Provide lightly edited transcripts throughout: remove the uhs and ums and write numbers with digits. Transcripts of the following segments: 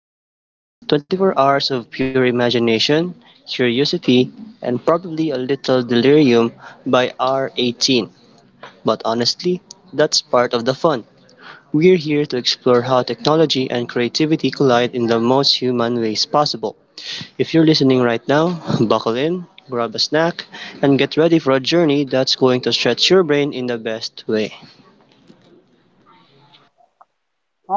doing this. 24 hours of pure imagination, curiosity, and probably a little delirium by hour 18. But honestly, that's part of the fun. We're here to explore how technology and creativity collide in the most human ways possible. If you're listening right now, buckle in, grab a snack, and get ready for a journey that's going to stretch your brain in the best way.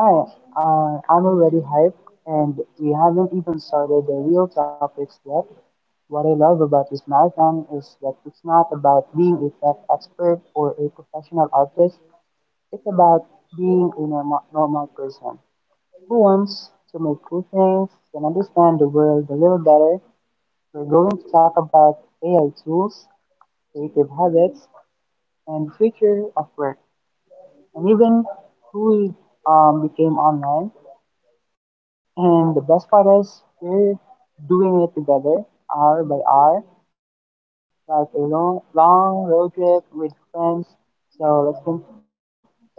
Hi, I'm already hyped, and we haven't even started the real topics yet. What I love about this marathon is that it's not about being a tech expert or a professional artist. It's about being a normal person who wants to make cool things and understand the world a little better. We're going to talk about AI tools, creative habits, and future of work, and even who we became online. And the best part is we're doing it together, hour by hour, like a long, long road trip with friends. So let's con- so let's get into it.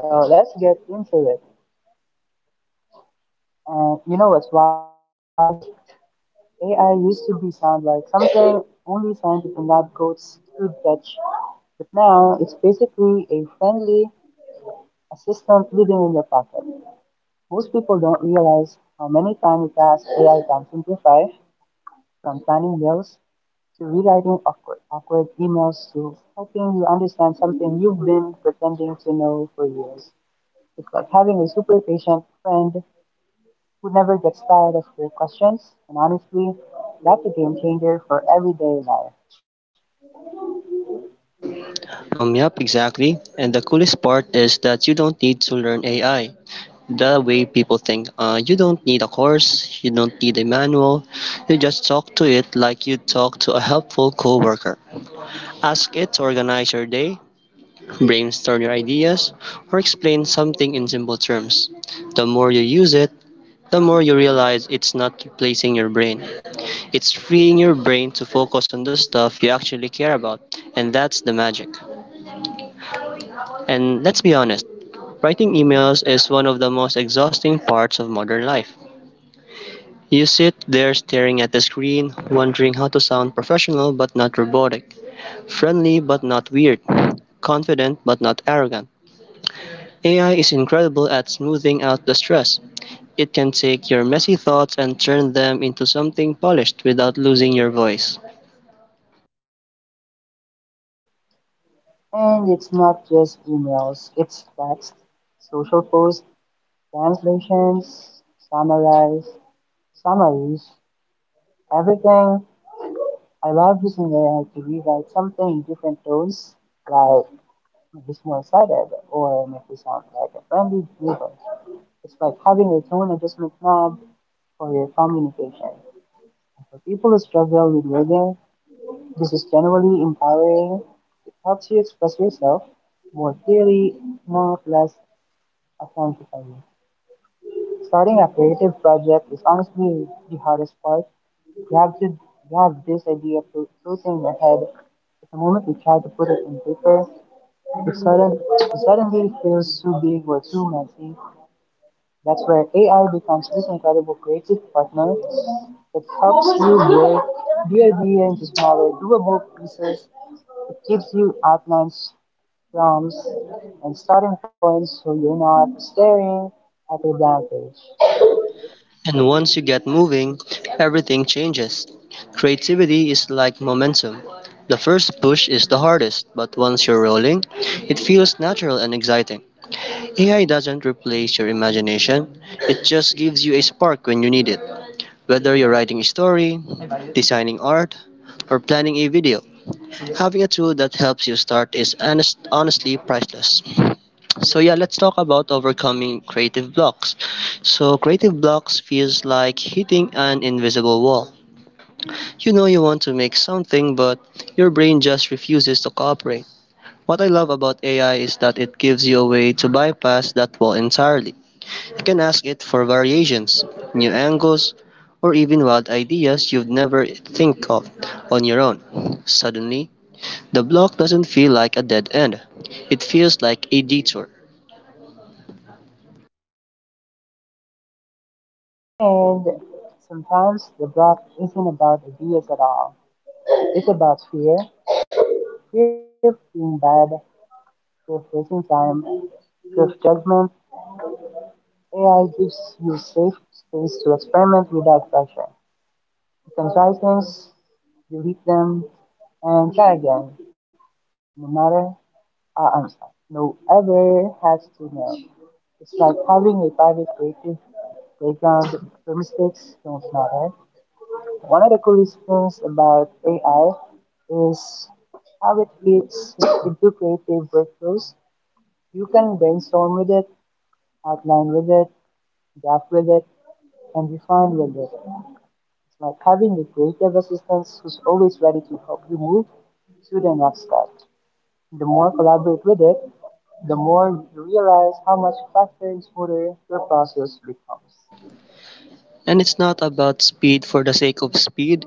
And you know what's wild? AI used to be sound like something only scientists in lab coats could touch, but now it's basically a friendly assistant living in your pocket. Most people don't realize how many tiny tasks AI can simplify, from planning meals to rewriting awkward emails to helping you understand something you've been pretending to know for years. It's like having a super patient friend who never gets tired of your questions. And honestly, that's a game changer for everyday life. Yup, exactly. And the coolest part is that you don't need to learn AI the way people think. You don't need a course, you don't need a manual. You just talk to it like you talk to a helpful coworker. Ask it to organize your day, brainstorm your ideas, or explain something in simple terms. The more you use it, the more you realize it's not replacing your brain. It's freeing your brain to focus on the stuff you actually care about, and that's the magic. And let's be honest, writing emails is one of the most exhausting parts of modern life. You sit there staring at the screen, wondering how to sound professional but not robotic, friendly but not weird, confident but not arrogant. AI is incredible at smoothing out the stress. It can take your messy thoughts and turn them into something polished without losing your voice. And it's not just emails, it's text, social posts, translations, summaries, summaries, everything. I love using AI to rewrite something in different tones, like if it's one-sided or make it sound like a friendly neighbor. It's like having a tone adjustment knob for your communication. And for people who struggle with wording, this is generally empowering. It helps you express yourself more clearly, not less authentically. Starting a creative project is honestly the hardest part. You have to you have this idea floating in your head. But the moment you try to put it in paper, it suddenly feels too big or too messy. That's where AI becomes this incredible creative partner that helps you break bigger beer into smaller, doable pieces. It gives you outlines, prompts, and starting points so you're not staring at a blank page. And once you get moving, everything changes. Creativity is like momentum. The first push is the hardest, but once you're rolling, it feels natural and exciting. AI doesn't replace your imagination, it just gives you a spark when you need it. Whether you're writing a story, designing art, or planning a video, having a tool that helps you start is honestly priceless. So yeah, let's talk about overcoming creative blocks. So creative blocks feels like hitting an invisible wall. You know you want to make something but your brain just refuses to cooperate. What I love about AI is that it gives you a way to bypass that wall entirely. You can ask it for variations, new angles, or even wild ideas you'd never think of on your own. Suddenly, the block doesn't feel like a dead end. It feels like a detour. And sometimes the block isn't about ideas at all. It's about fear. Fear of being bad, fear of wasting time, fear of judgment. AI gives you safe space to experiment without pressure. You can try things, delete them, and try again. No matter, our answer, no ever has to know. It's like having a private creative playground where mistakes don't matter. One of the coolest things about AI is how it fits into creative workflows. You can brainstorm with it, outline with it, draft with it, and refine with it. It's like having a creative assistant who's always ready to help you move to the next step. The more collaborate with it, the more you realize how much faster and smoother your process becomes. And it's not about speed for the sake of speed.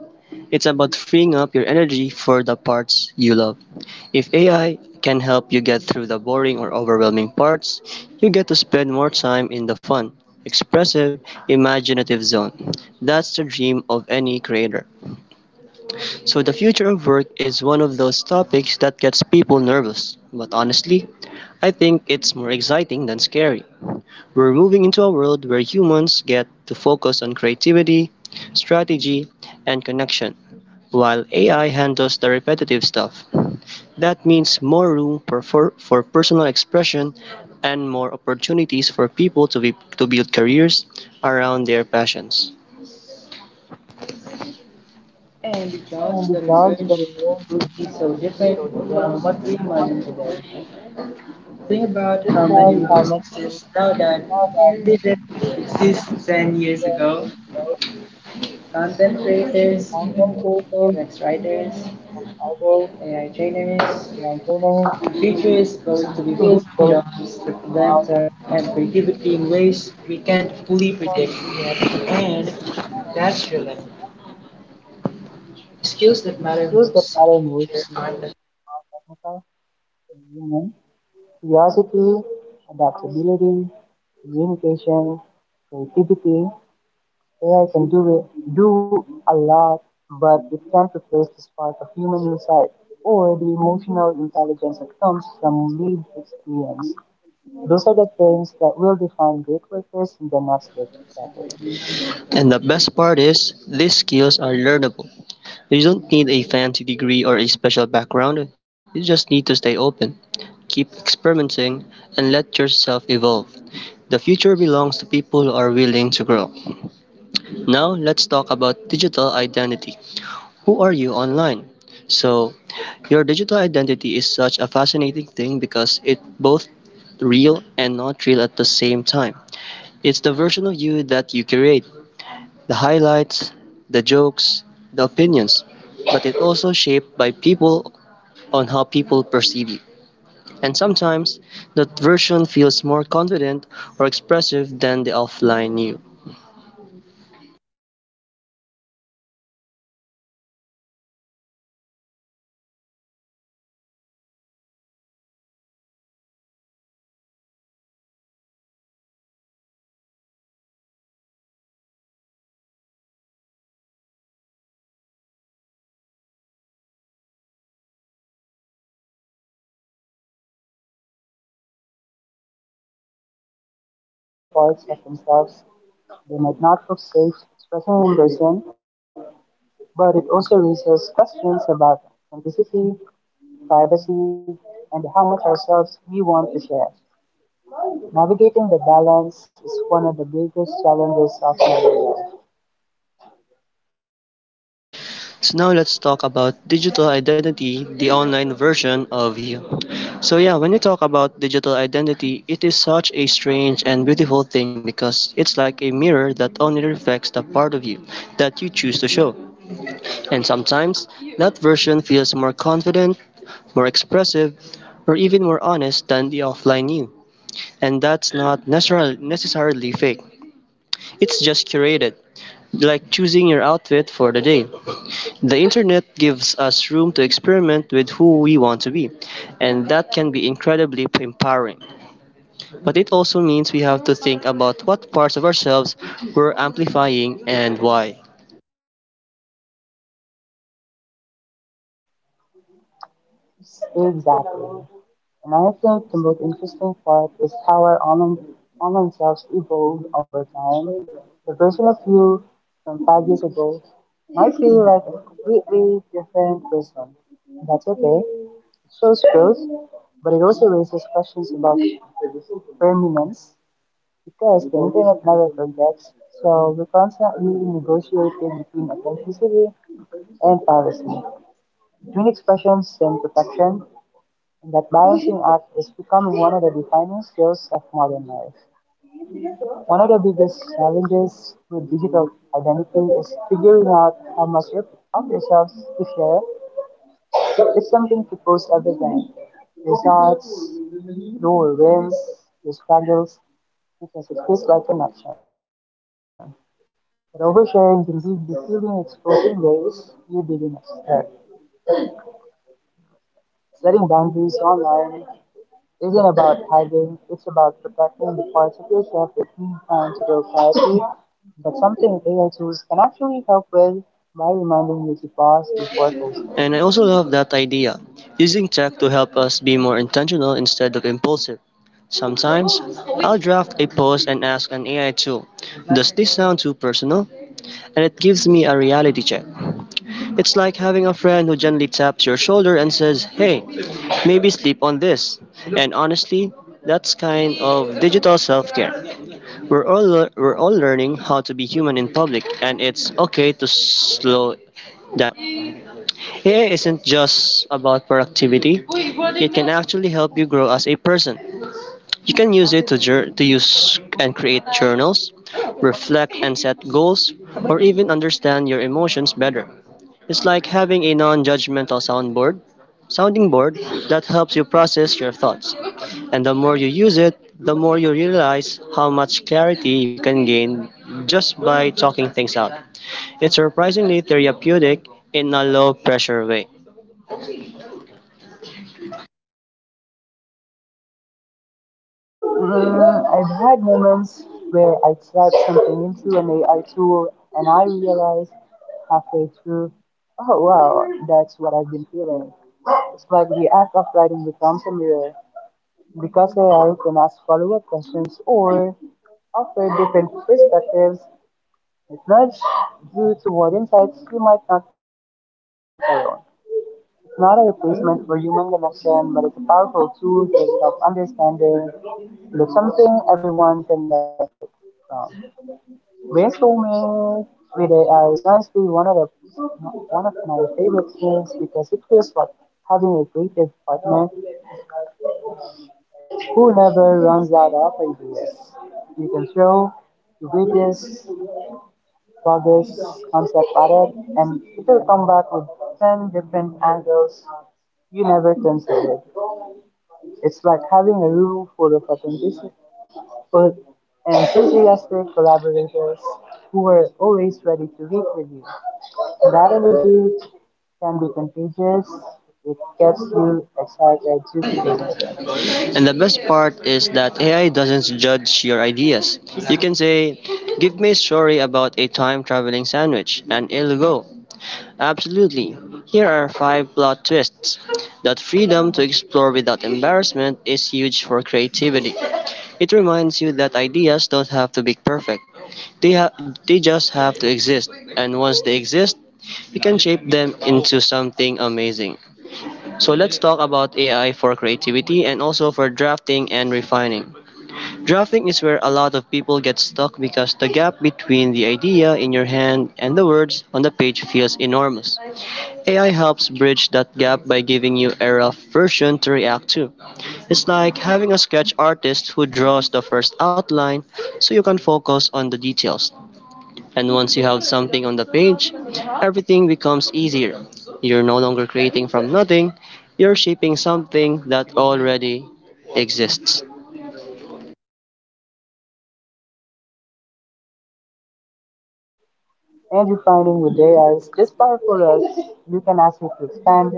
It's about freeing up your energy for the parts you love. If AI can help you get through the boring or overwhelming parts, you get to spend more time in the fun, expressive, imaginative zone. That's the dream of any creator. So, the future of work is one of those topics that gets people nervous. But honestly, I think it's more exciting than scary. We're moving into a world where humans get to focus on creativity, strategy, and connection, while AI handles the repetitive stuff. That means more room for personal expression and more opportunities for people to build careers around their passions. And it does the jobs that are really so different from what think about how many roles now that TV shows, content creators, writers, online trainers, teachers going about really skills that matter most in the field of technical and human curiosity, adaptability, communication, creativity. AI can do it, do a lot, but it can't replace the spark of human insight or the emotional intelligence that comes from lived experience. Those are the things that will define great workers in the next decade. And the best part is, these skills are learnable. You don't need a fancy degree or a special background, you just need to stay open, keep experimenting, and let yourself evolve. The future belongs to people who are willing to grow. Now, let's talk about digital identity. Who are you online? So, your digital identity is such a fascinating thing because it's both real and not real at the same time. It's the version of you that you create, the highlights, the jokes, the opinions, but it's also shaped by people on how people perceive you. And sometimes that version feels more confident or expressive than the offline you. And it's not necessarily a bad thing. Online spaces give people room to explore parts of themselves they might not feel safe expressing in person, but it also raises questions about authenticity, privacy, and how much ourselves we want to share. Navigating the balance is one of the biggest challenges of modern life. So now let's talk about digital identity, the online version of you. So yeah, when we talk about digital identity, it is such a strange and beautiful thing because it's like a mirror that only reflects the part of you that you choose to show. And sometimes that version feels more confident, more expressive, or even more honest than the offline you. And that's not necessarily fake. It's just curated, like choosing your outfit for the day. The Internet gives us room to experiment with who we want to be, and that can be incredibly empowering. But it also means we have to think about what parts of ourselves we're amplifying and why. Exactly. And I think the most interesting part is how our online selves evolve over time. The version of you from five years ago might feel like a completely different person. That's okay. Shows growth, but it also raises questions about permanence because the internet never forgets. So we're constantly negotiating between authenticity and privacy, between expressions and protection, and that balancing act is becoming one of the defining skills life. One of the biggest challenges with digital identity is figuring out how much of yourselves to share. So it's something to post everything. There's arts, your wins, your struggles, because it feels like an action. But oversharing can leave the feeling exposing ways you didn't expect. Setting boundaries online isn't about hiding, it's about protecting the parts of yourself that you plan to grow quietly. That's something AI tools can actually help with by reminding you to pause And I before also love posting. that idea, using tech to help us be more intentional instead of impulsive. Sometimes I'll draft a post and ask an AI tool, "Does this sound too personal?" And it gives me a reality check. It's like having a friend who gently taps your shoulder and says, "Hey, maybe sleep on this." And honestly, that's kind of digital self-care. We're all learning how to be human in public, and it's okay to slow down. AI isn't just about productivity. It can actually help you grow as a person. You can use it to use and create journals, reflect and set goals, or even understand your emotions better. It's like having a non-judgmental sounding board that helps you process your thoughts. And the more you use it, the more you realize how much clarity you can gain just by talking things out. It's surprisingly therapeutic in a low pressure way. Mm, I've had moments where I typed something into an AI tool and I realized halfway through, oh wow, that's what I've been feeling. It's like the act of writing becomes a mirror because AI can ask follow up questions or offer different perspectives. It nudges you toward insights you might not reach alone. It's not a replacement for human connection, but it's a powerful tool for self understanding and it's something everyone can benefit from. Based Romance with AI is honestly one of my favorite games because it feels like having a creative partner who never runs out of ideas. You can throw your greatest, bogus concept at it, and it will come back with 10 different angles you never considered. It's like having a room full of authentic but enthusiastic collaborators who were always ready to work with you. That energy can be contagious. It gets you excited to create again. Them. And the best part is that AI doesn't judge your ideas. You can say, "Give me a story about a time traveling sandwich," and it'll go, "Absolutely. Here are five plot twists." That freedom to explore without embarrassment is huge for creativity. It reminds you that ideas don't have to be perfect. They ha- they just have to exist, and once they exist, you can shape them into something amazing. So let's talk about AI for creativity and also for drafting and refining. Drafting is where a lot of people get stuck because the gap between the idea in your hand and the words on the page feels enormous. AI helps bridge that gap by giving you a rough version to react to. It's like having a sketch artist who draws the first outline so you can focus on the details. And once you have something on the page, everything becomes easier. You're no longer creating from nothing, you're shaping something that already exists. And you're finding with AI is just powerful as you can ask it to expand,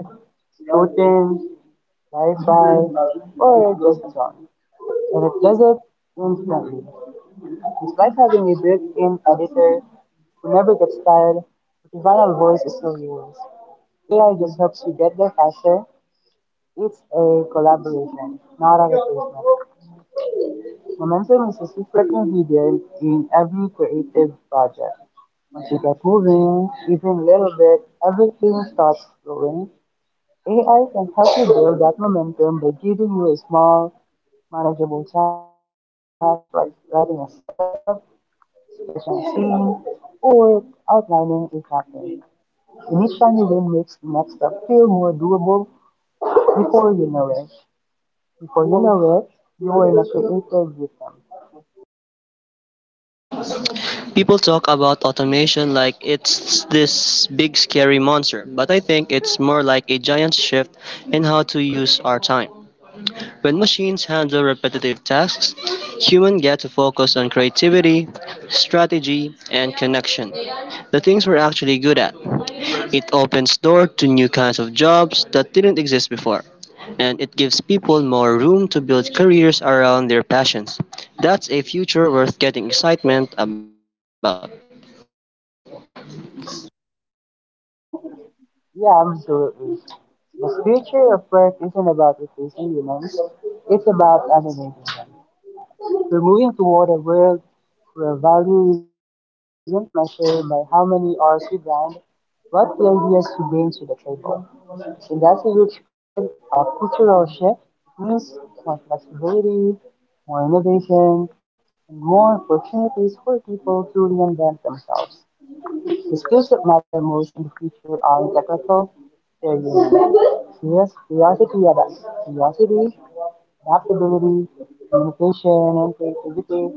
shorten, clarify, or just a on. And it does instantly. It's like having a built-in editor who never gets tired, but the final voice is still yours. AI just helps you get there faster. It's a collaboration, not a replacement. Momentum is a secret ingredient in every creative project. Once you get moving, even a little bit, everything starts flowing. AI can help you build that momentum by giving you a small, manageable task like writing a startup session singing, or outlining a happening. Initially, they makes the next step feel more doable. Before you know it, before you know it, you are in a creative rhythm. People talk about automation like it's this big scary monster, but I think it's more like a giant shift in how to use our time. When machines handle repetitive tasks, humans get to focus on creativity, strategy, and connection, the things we're actually good at. It opens doors to new kinds of jobs that didn't exist before, and it gives people more room to build careers around their passions. That's a future worth getting excitement about. Yeah, absolutely. The future of work isn't about replacing humans; it's about elevating them. We're moving toward a world where value isn't measured by how many hours you grind, but the ideas you bring to the table. In that huge cultural shift, it means more flexibility, more innovation, and more opportunities for people to reinvent themselves. The skills that matter most in the future aren't technical, they're human. Curiosity, adaptability, communication, and creativity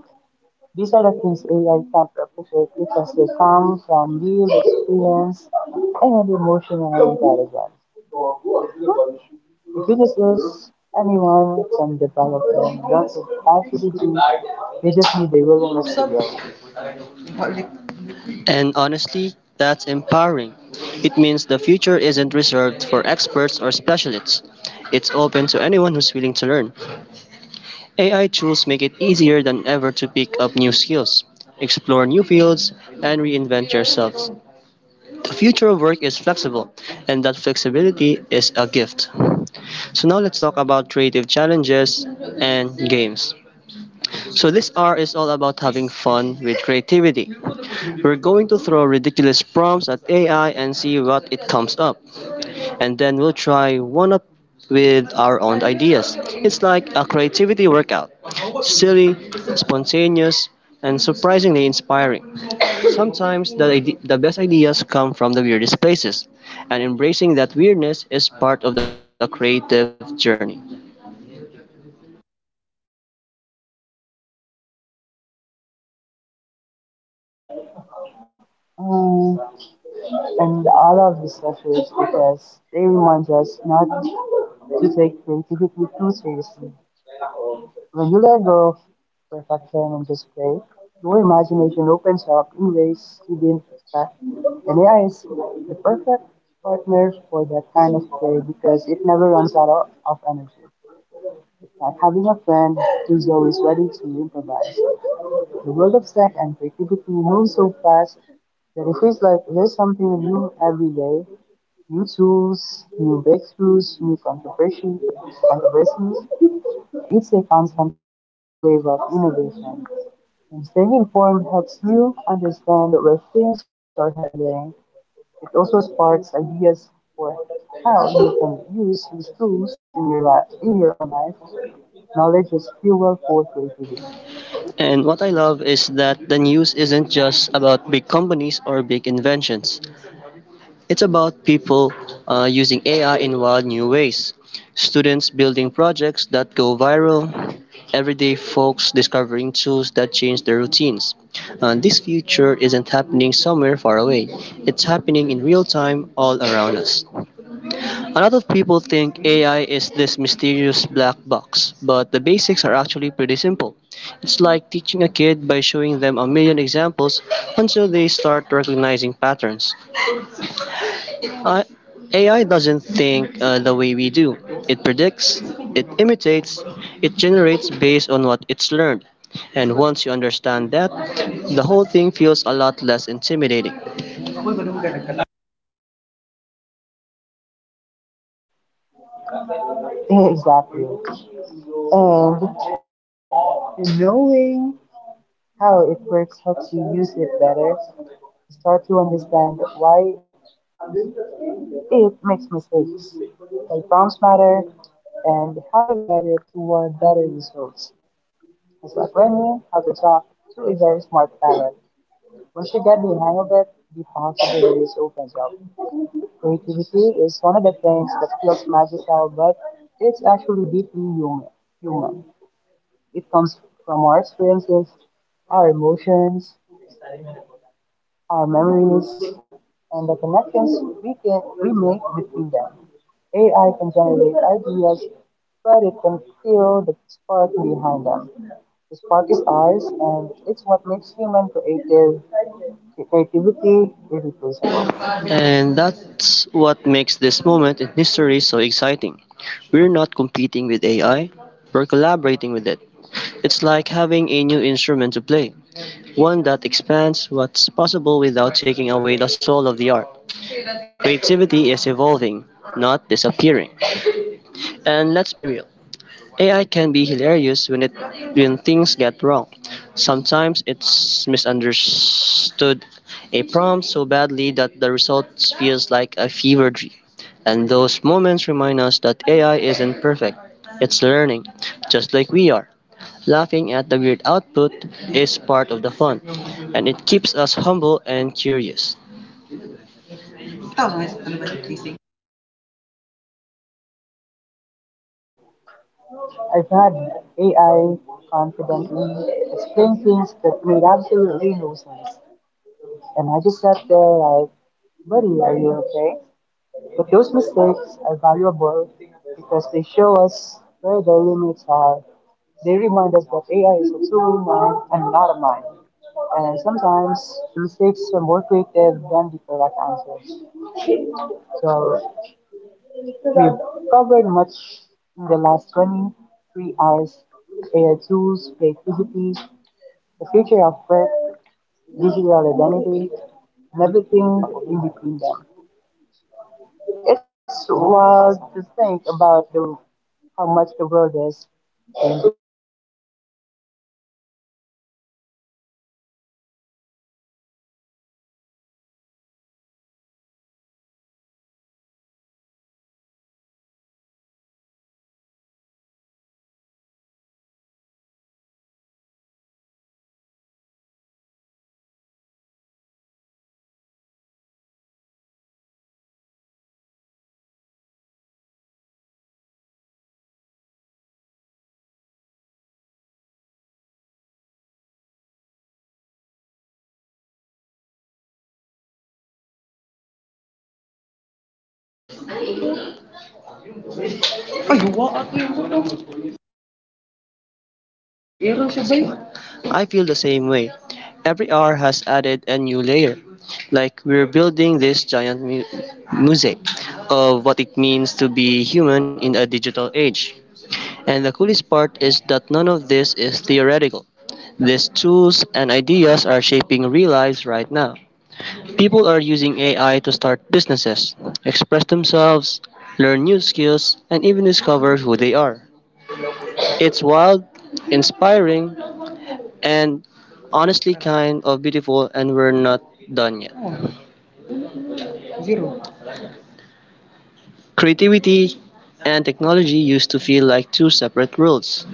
these are the things AI can't replicate because they come from real experience and emotional intelligence. If you dismiss anyone from developing lots of capacity, you just need the willingness to grow. And honestly, that's empowering. It means the future isn't reserved for experts or specialists. It's open to anyone who's willing to learn. AI tools make it easier than ever to pick up new skills, explore new fields, and reinvent yourselves. The future of work is flexible, and that flexibility is a gift. So now let's talk about creative challenges and games. So this R is all about having fun with creativity. We're going to throw ridiculous prompts at AI and see what it comes up and then we'll try one up with our own ideas. It's like a creativity workout, silly, spontaneous, and surprisingly inspiring. Sometimes the best ideas come from the weirdest places, and embracing that weirdness is part of the creative journey. Mm, and all of this is because they remind us not to take creativity too seriously. When you let go of perfection and just play, your imagination opens up in ways you didn't expect. And AI is the perfect partner that kind of play because it never runs out of energy. It's like having a friend who's always ready to improvise. The world of tech and creativity moves so fast that it feels like there's something new every day. New tools, new breakthroughs, controversies, it's a constant wave of innovation, and staying informed helps you understand where things are heading. It also sparks ideas for how you can use these tools in your life, in your own life. Knowledge is fuel for creativity. And what I love is that the news isn't just about big companies or big inventions. It's about people using AI in wild new ways, students building projects that go viral, everyday folks discovering tools that change their routines. This future isn't happening somewhere far away, it's happening in real time all around us. A lot of people think AI is this mysterious black box, but the basics are actually pretty simple. It's like teaching a kid by showing them a million examples until they start recognizing patterns. I, AI doesn't think the way we do. It predicts, it imitates, it generates based on what it's learned. And once you understand that, the whole thing feels a lot less intimidating. Exactly. And knowing how it works helps you use it better. Start to understand why it makes mistakes, like bounce matter, and how to guide it toward better results. It's like learning how to talk to a very smart parrot. Once you get the hang of it, the possibilities opens up. Creativity is one of the things that feels magical, it's actually deeply human. Human. It comes from our experiences, our emotions, our memories, and the connections we can make between them. AI can generate ideas, but it can feel the spark behind them. The spark is ours, and it's what makes human creative creativity irreplaceable. And that's what makes this moment in history so exciting. We're not competing with AI, we're collaborating with it. It's like having a new instrument to play, one that expands what's possible without taking away the soul of the art. Creativity is evolving, not disappearing. And let's be real, AI can be hilarious when things get wrong. Sometimes it's misunderstood a prompt so badly that the result feels like a fever dream. And those moments remind us that AI isn't perfect. It's learning, just like we are. Laughing at the weird output is part of the fun, and it keeps us humble and curious. I've had AI confidently explain things that made absolutely no sense, and I just sat there like, "Buddy, are you okay?" But those mistakes are valuable because they show us where the limits are. They remind us that AI is a tool now and not a mind. And sometimes the mistakes are more creative than the correct answers. So we've covered much in the last 23 hours. AI tools, creativity, the future of work, digital identity, and everything in between them. It's wild to think about the, how much the world is. I feel the same way. Every hour has added a new layer. Like we're building this giant mosaic of what it means to be human in a digital age. And the coolest part is that none of this is theoretical. These tools and ideas are shaping real lives right now. People are using AI to start businesses, express themselves, learn new skills, and even discover who they are. It's wild, inspiring, and honestly kind of beautiful, and we're not done yet. Zero. Creativity and technology used to feel like two separate worlds,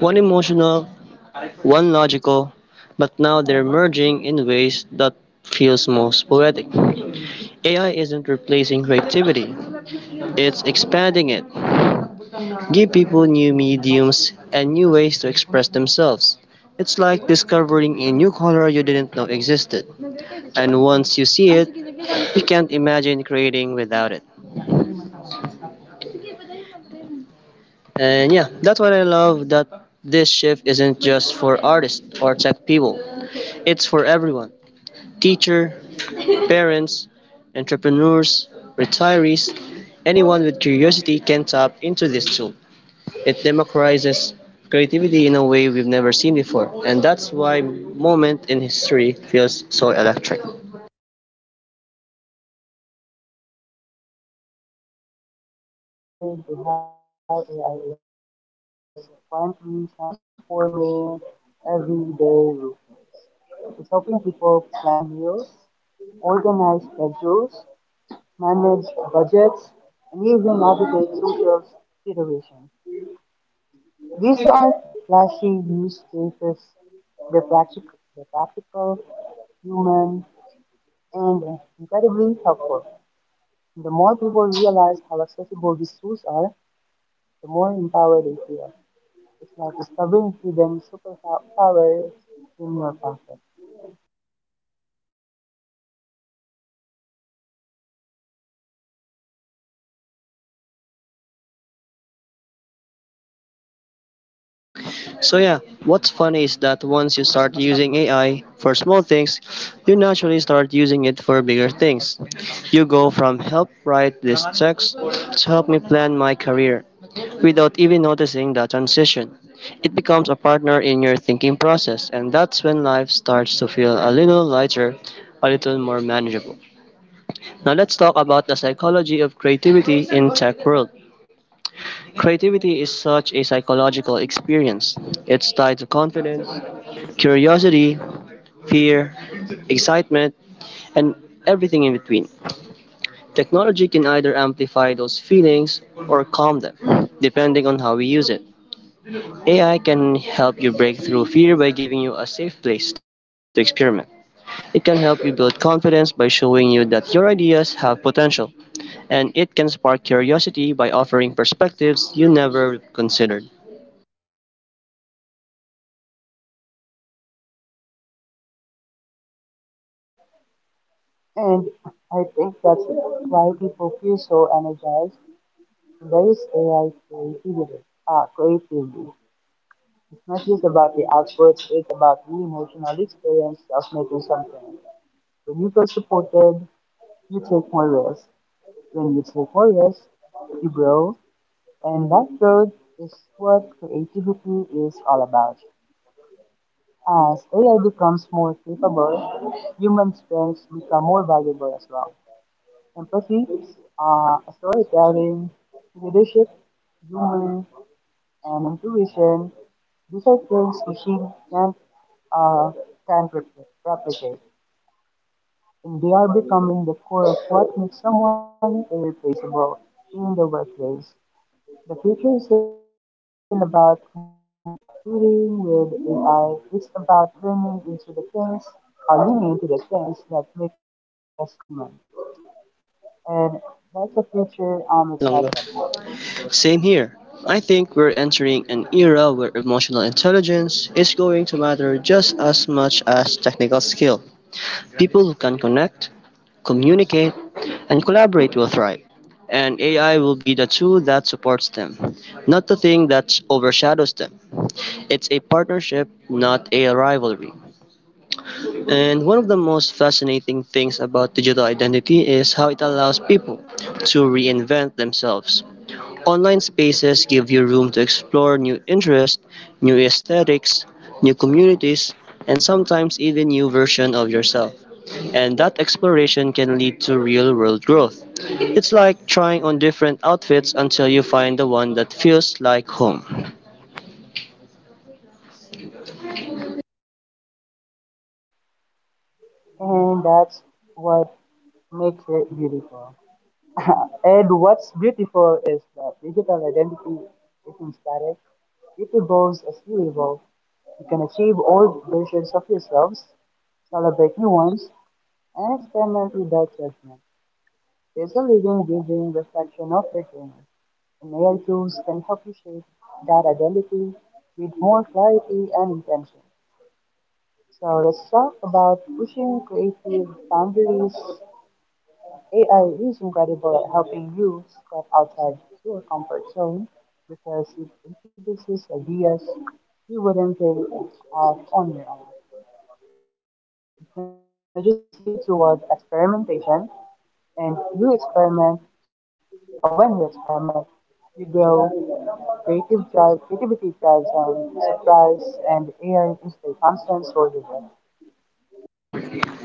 one emotional, one logical, but now they're merging in ways that feels most poetic. AI isn't replacing creativity, it's expanding it. Give people new mediums and new ways to express themselves. It's like discovering a new color you didn't know existed. And once you see it, you can't imagine creating without it. And yeah, that's what I love, that this shift isn't just for artists or tech people. It's for everyone. Teacher, parents, entrepreneurs, retirees, anyone with curiosity can tap into this tool. It democratizes creativity in a way we've never seen before, and that's why moment in history feels so electric. So Spotify is how AI is quietly transforming everyday life. It's helping people plan meals, organize schedules, manage budgets, and even navigate social situations. These aren't flashy use cases. They're practical, they're practical, human, and incredibly helpful. The more people realize how accessible these tools are, more empowered they feel. It's like discovering hidden superpowers in your pocket. So yeah, what's funny is that once you start using AI for small things, you naturally start using it for bigger things. You go from help write this text to help me plan my career without even noticing the transition. It becomes a partner in your thinking process, and that's when life starts to feel a little lighter, a little more manageable. Now let's talk about the psychology of creativity in tech world. Creativity is such a psychological experience. It's tied to confidence, curiosity, fear, excitement, and everything in between. Technology can either amplify those feelings or calm them, depending on how we use it. AI can help you break through fear by giving you a safe place to experiment. It can help you build confidence by showing you that your ideas have potential, and it can spark curiosity by offering perspectives you never considered. And I think that's why people feel so energized when there is AI creativity. Uh, creativity. It's not just about the output, it's about the emotional experience of making something. When you feel supported, take more risks. When you take more risks, you grow, and that growth is what creativity is all about. As AI becomes more capable, human strengths become more valuable as well. Empathy, storytelling, leadership, humor, and intuition. These are things machines uh, can't replicate, and they are becoming the core of what makes someone irreplaceable in the workplace. The future isn't about competing with AI, it's about learning into the things, leaning into the things that make us human. And that's the future I'm excited about. Minutes lang, no? Same here. I think we're entering an era where emotional intelligence is going to matter just as much as technical skill. People who can connect, communicate, and collaborate will thrive. And AI will be the tool that supports them, not the thing that overshadows them. It's a partnership, not a rivalry. And one of the most fascinating things about digital identity is how it allows people to reinvent themselves. Online spaces give you room to explore new interests, new aesthetics, new communities, and sometimes even new version of yourself. And that exploration can lead to real-world growth. It's like trying on different outfits until you find the one that feels like home. And that's what makes it beautiful. And what's beautiful is that digital identity isn't static, it evolves as you evolve. You can achieve old versions of yourselves, celebrate new ones, experiment without judgment. There's a living, breathing reflection of the dreamer, and AI tools can help you shape that identity with more clarity and intention. So let's talk about pushing creative boundaries. AI is incredible at helping you step outside your comfort zone because it introduces ideas you wouldn't think of on your own. It nudges you toward experimentation, and you experiment, or when you experiment, you grow. Creativity drives on surprise and AI is a constant source of it.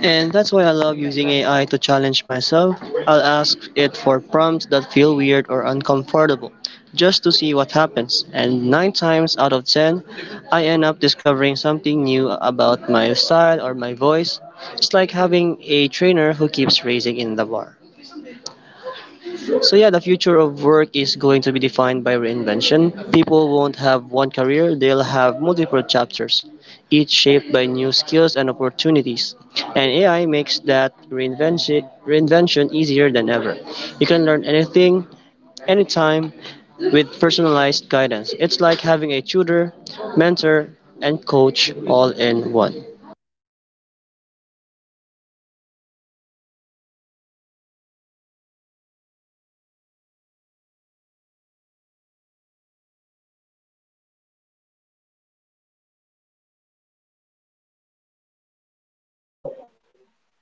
And that's why I love using AI to challenge myself. I'll ask it for prompts that feel weird or uncomfortable, just to see what happens. And nine times out of ten, I end up discovering something new about my style or my voice. It's like having a trainer who keeps raising in the bar. So yeah, the future of work is going to be defined by reinvention. People won't have one career, they'll have multiple chapters, each shaped by new skills and opportunities. And AI makes that reinvention easier than ever. You can learn anything, anytime, with personalized guidance. It's like having a tutor, mentor, and coach all in one.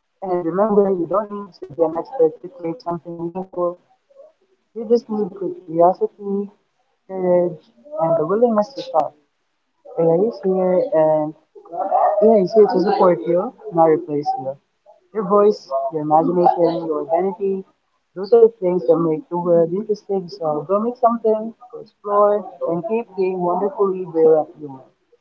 And remember, you don't need to be an expert to create something meaningful. You just need curiosity, courage, and the willingness to start. AI is here, and AI is here to support you, not replace you. Your voice, your imagination, your identity, those are the things that make the world interesting. So go make something, go explore, and keep being wonderfully brilliant human.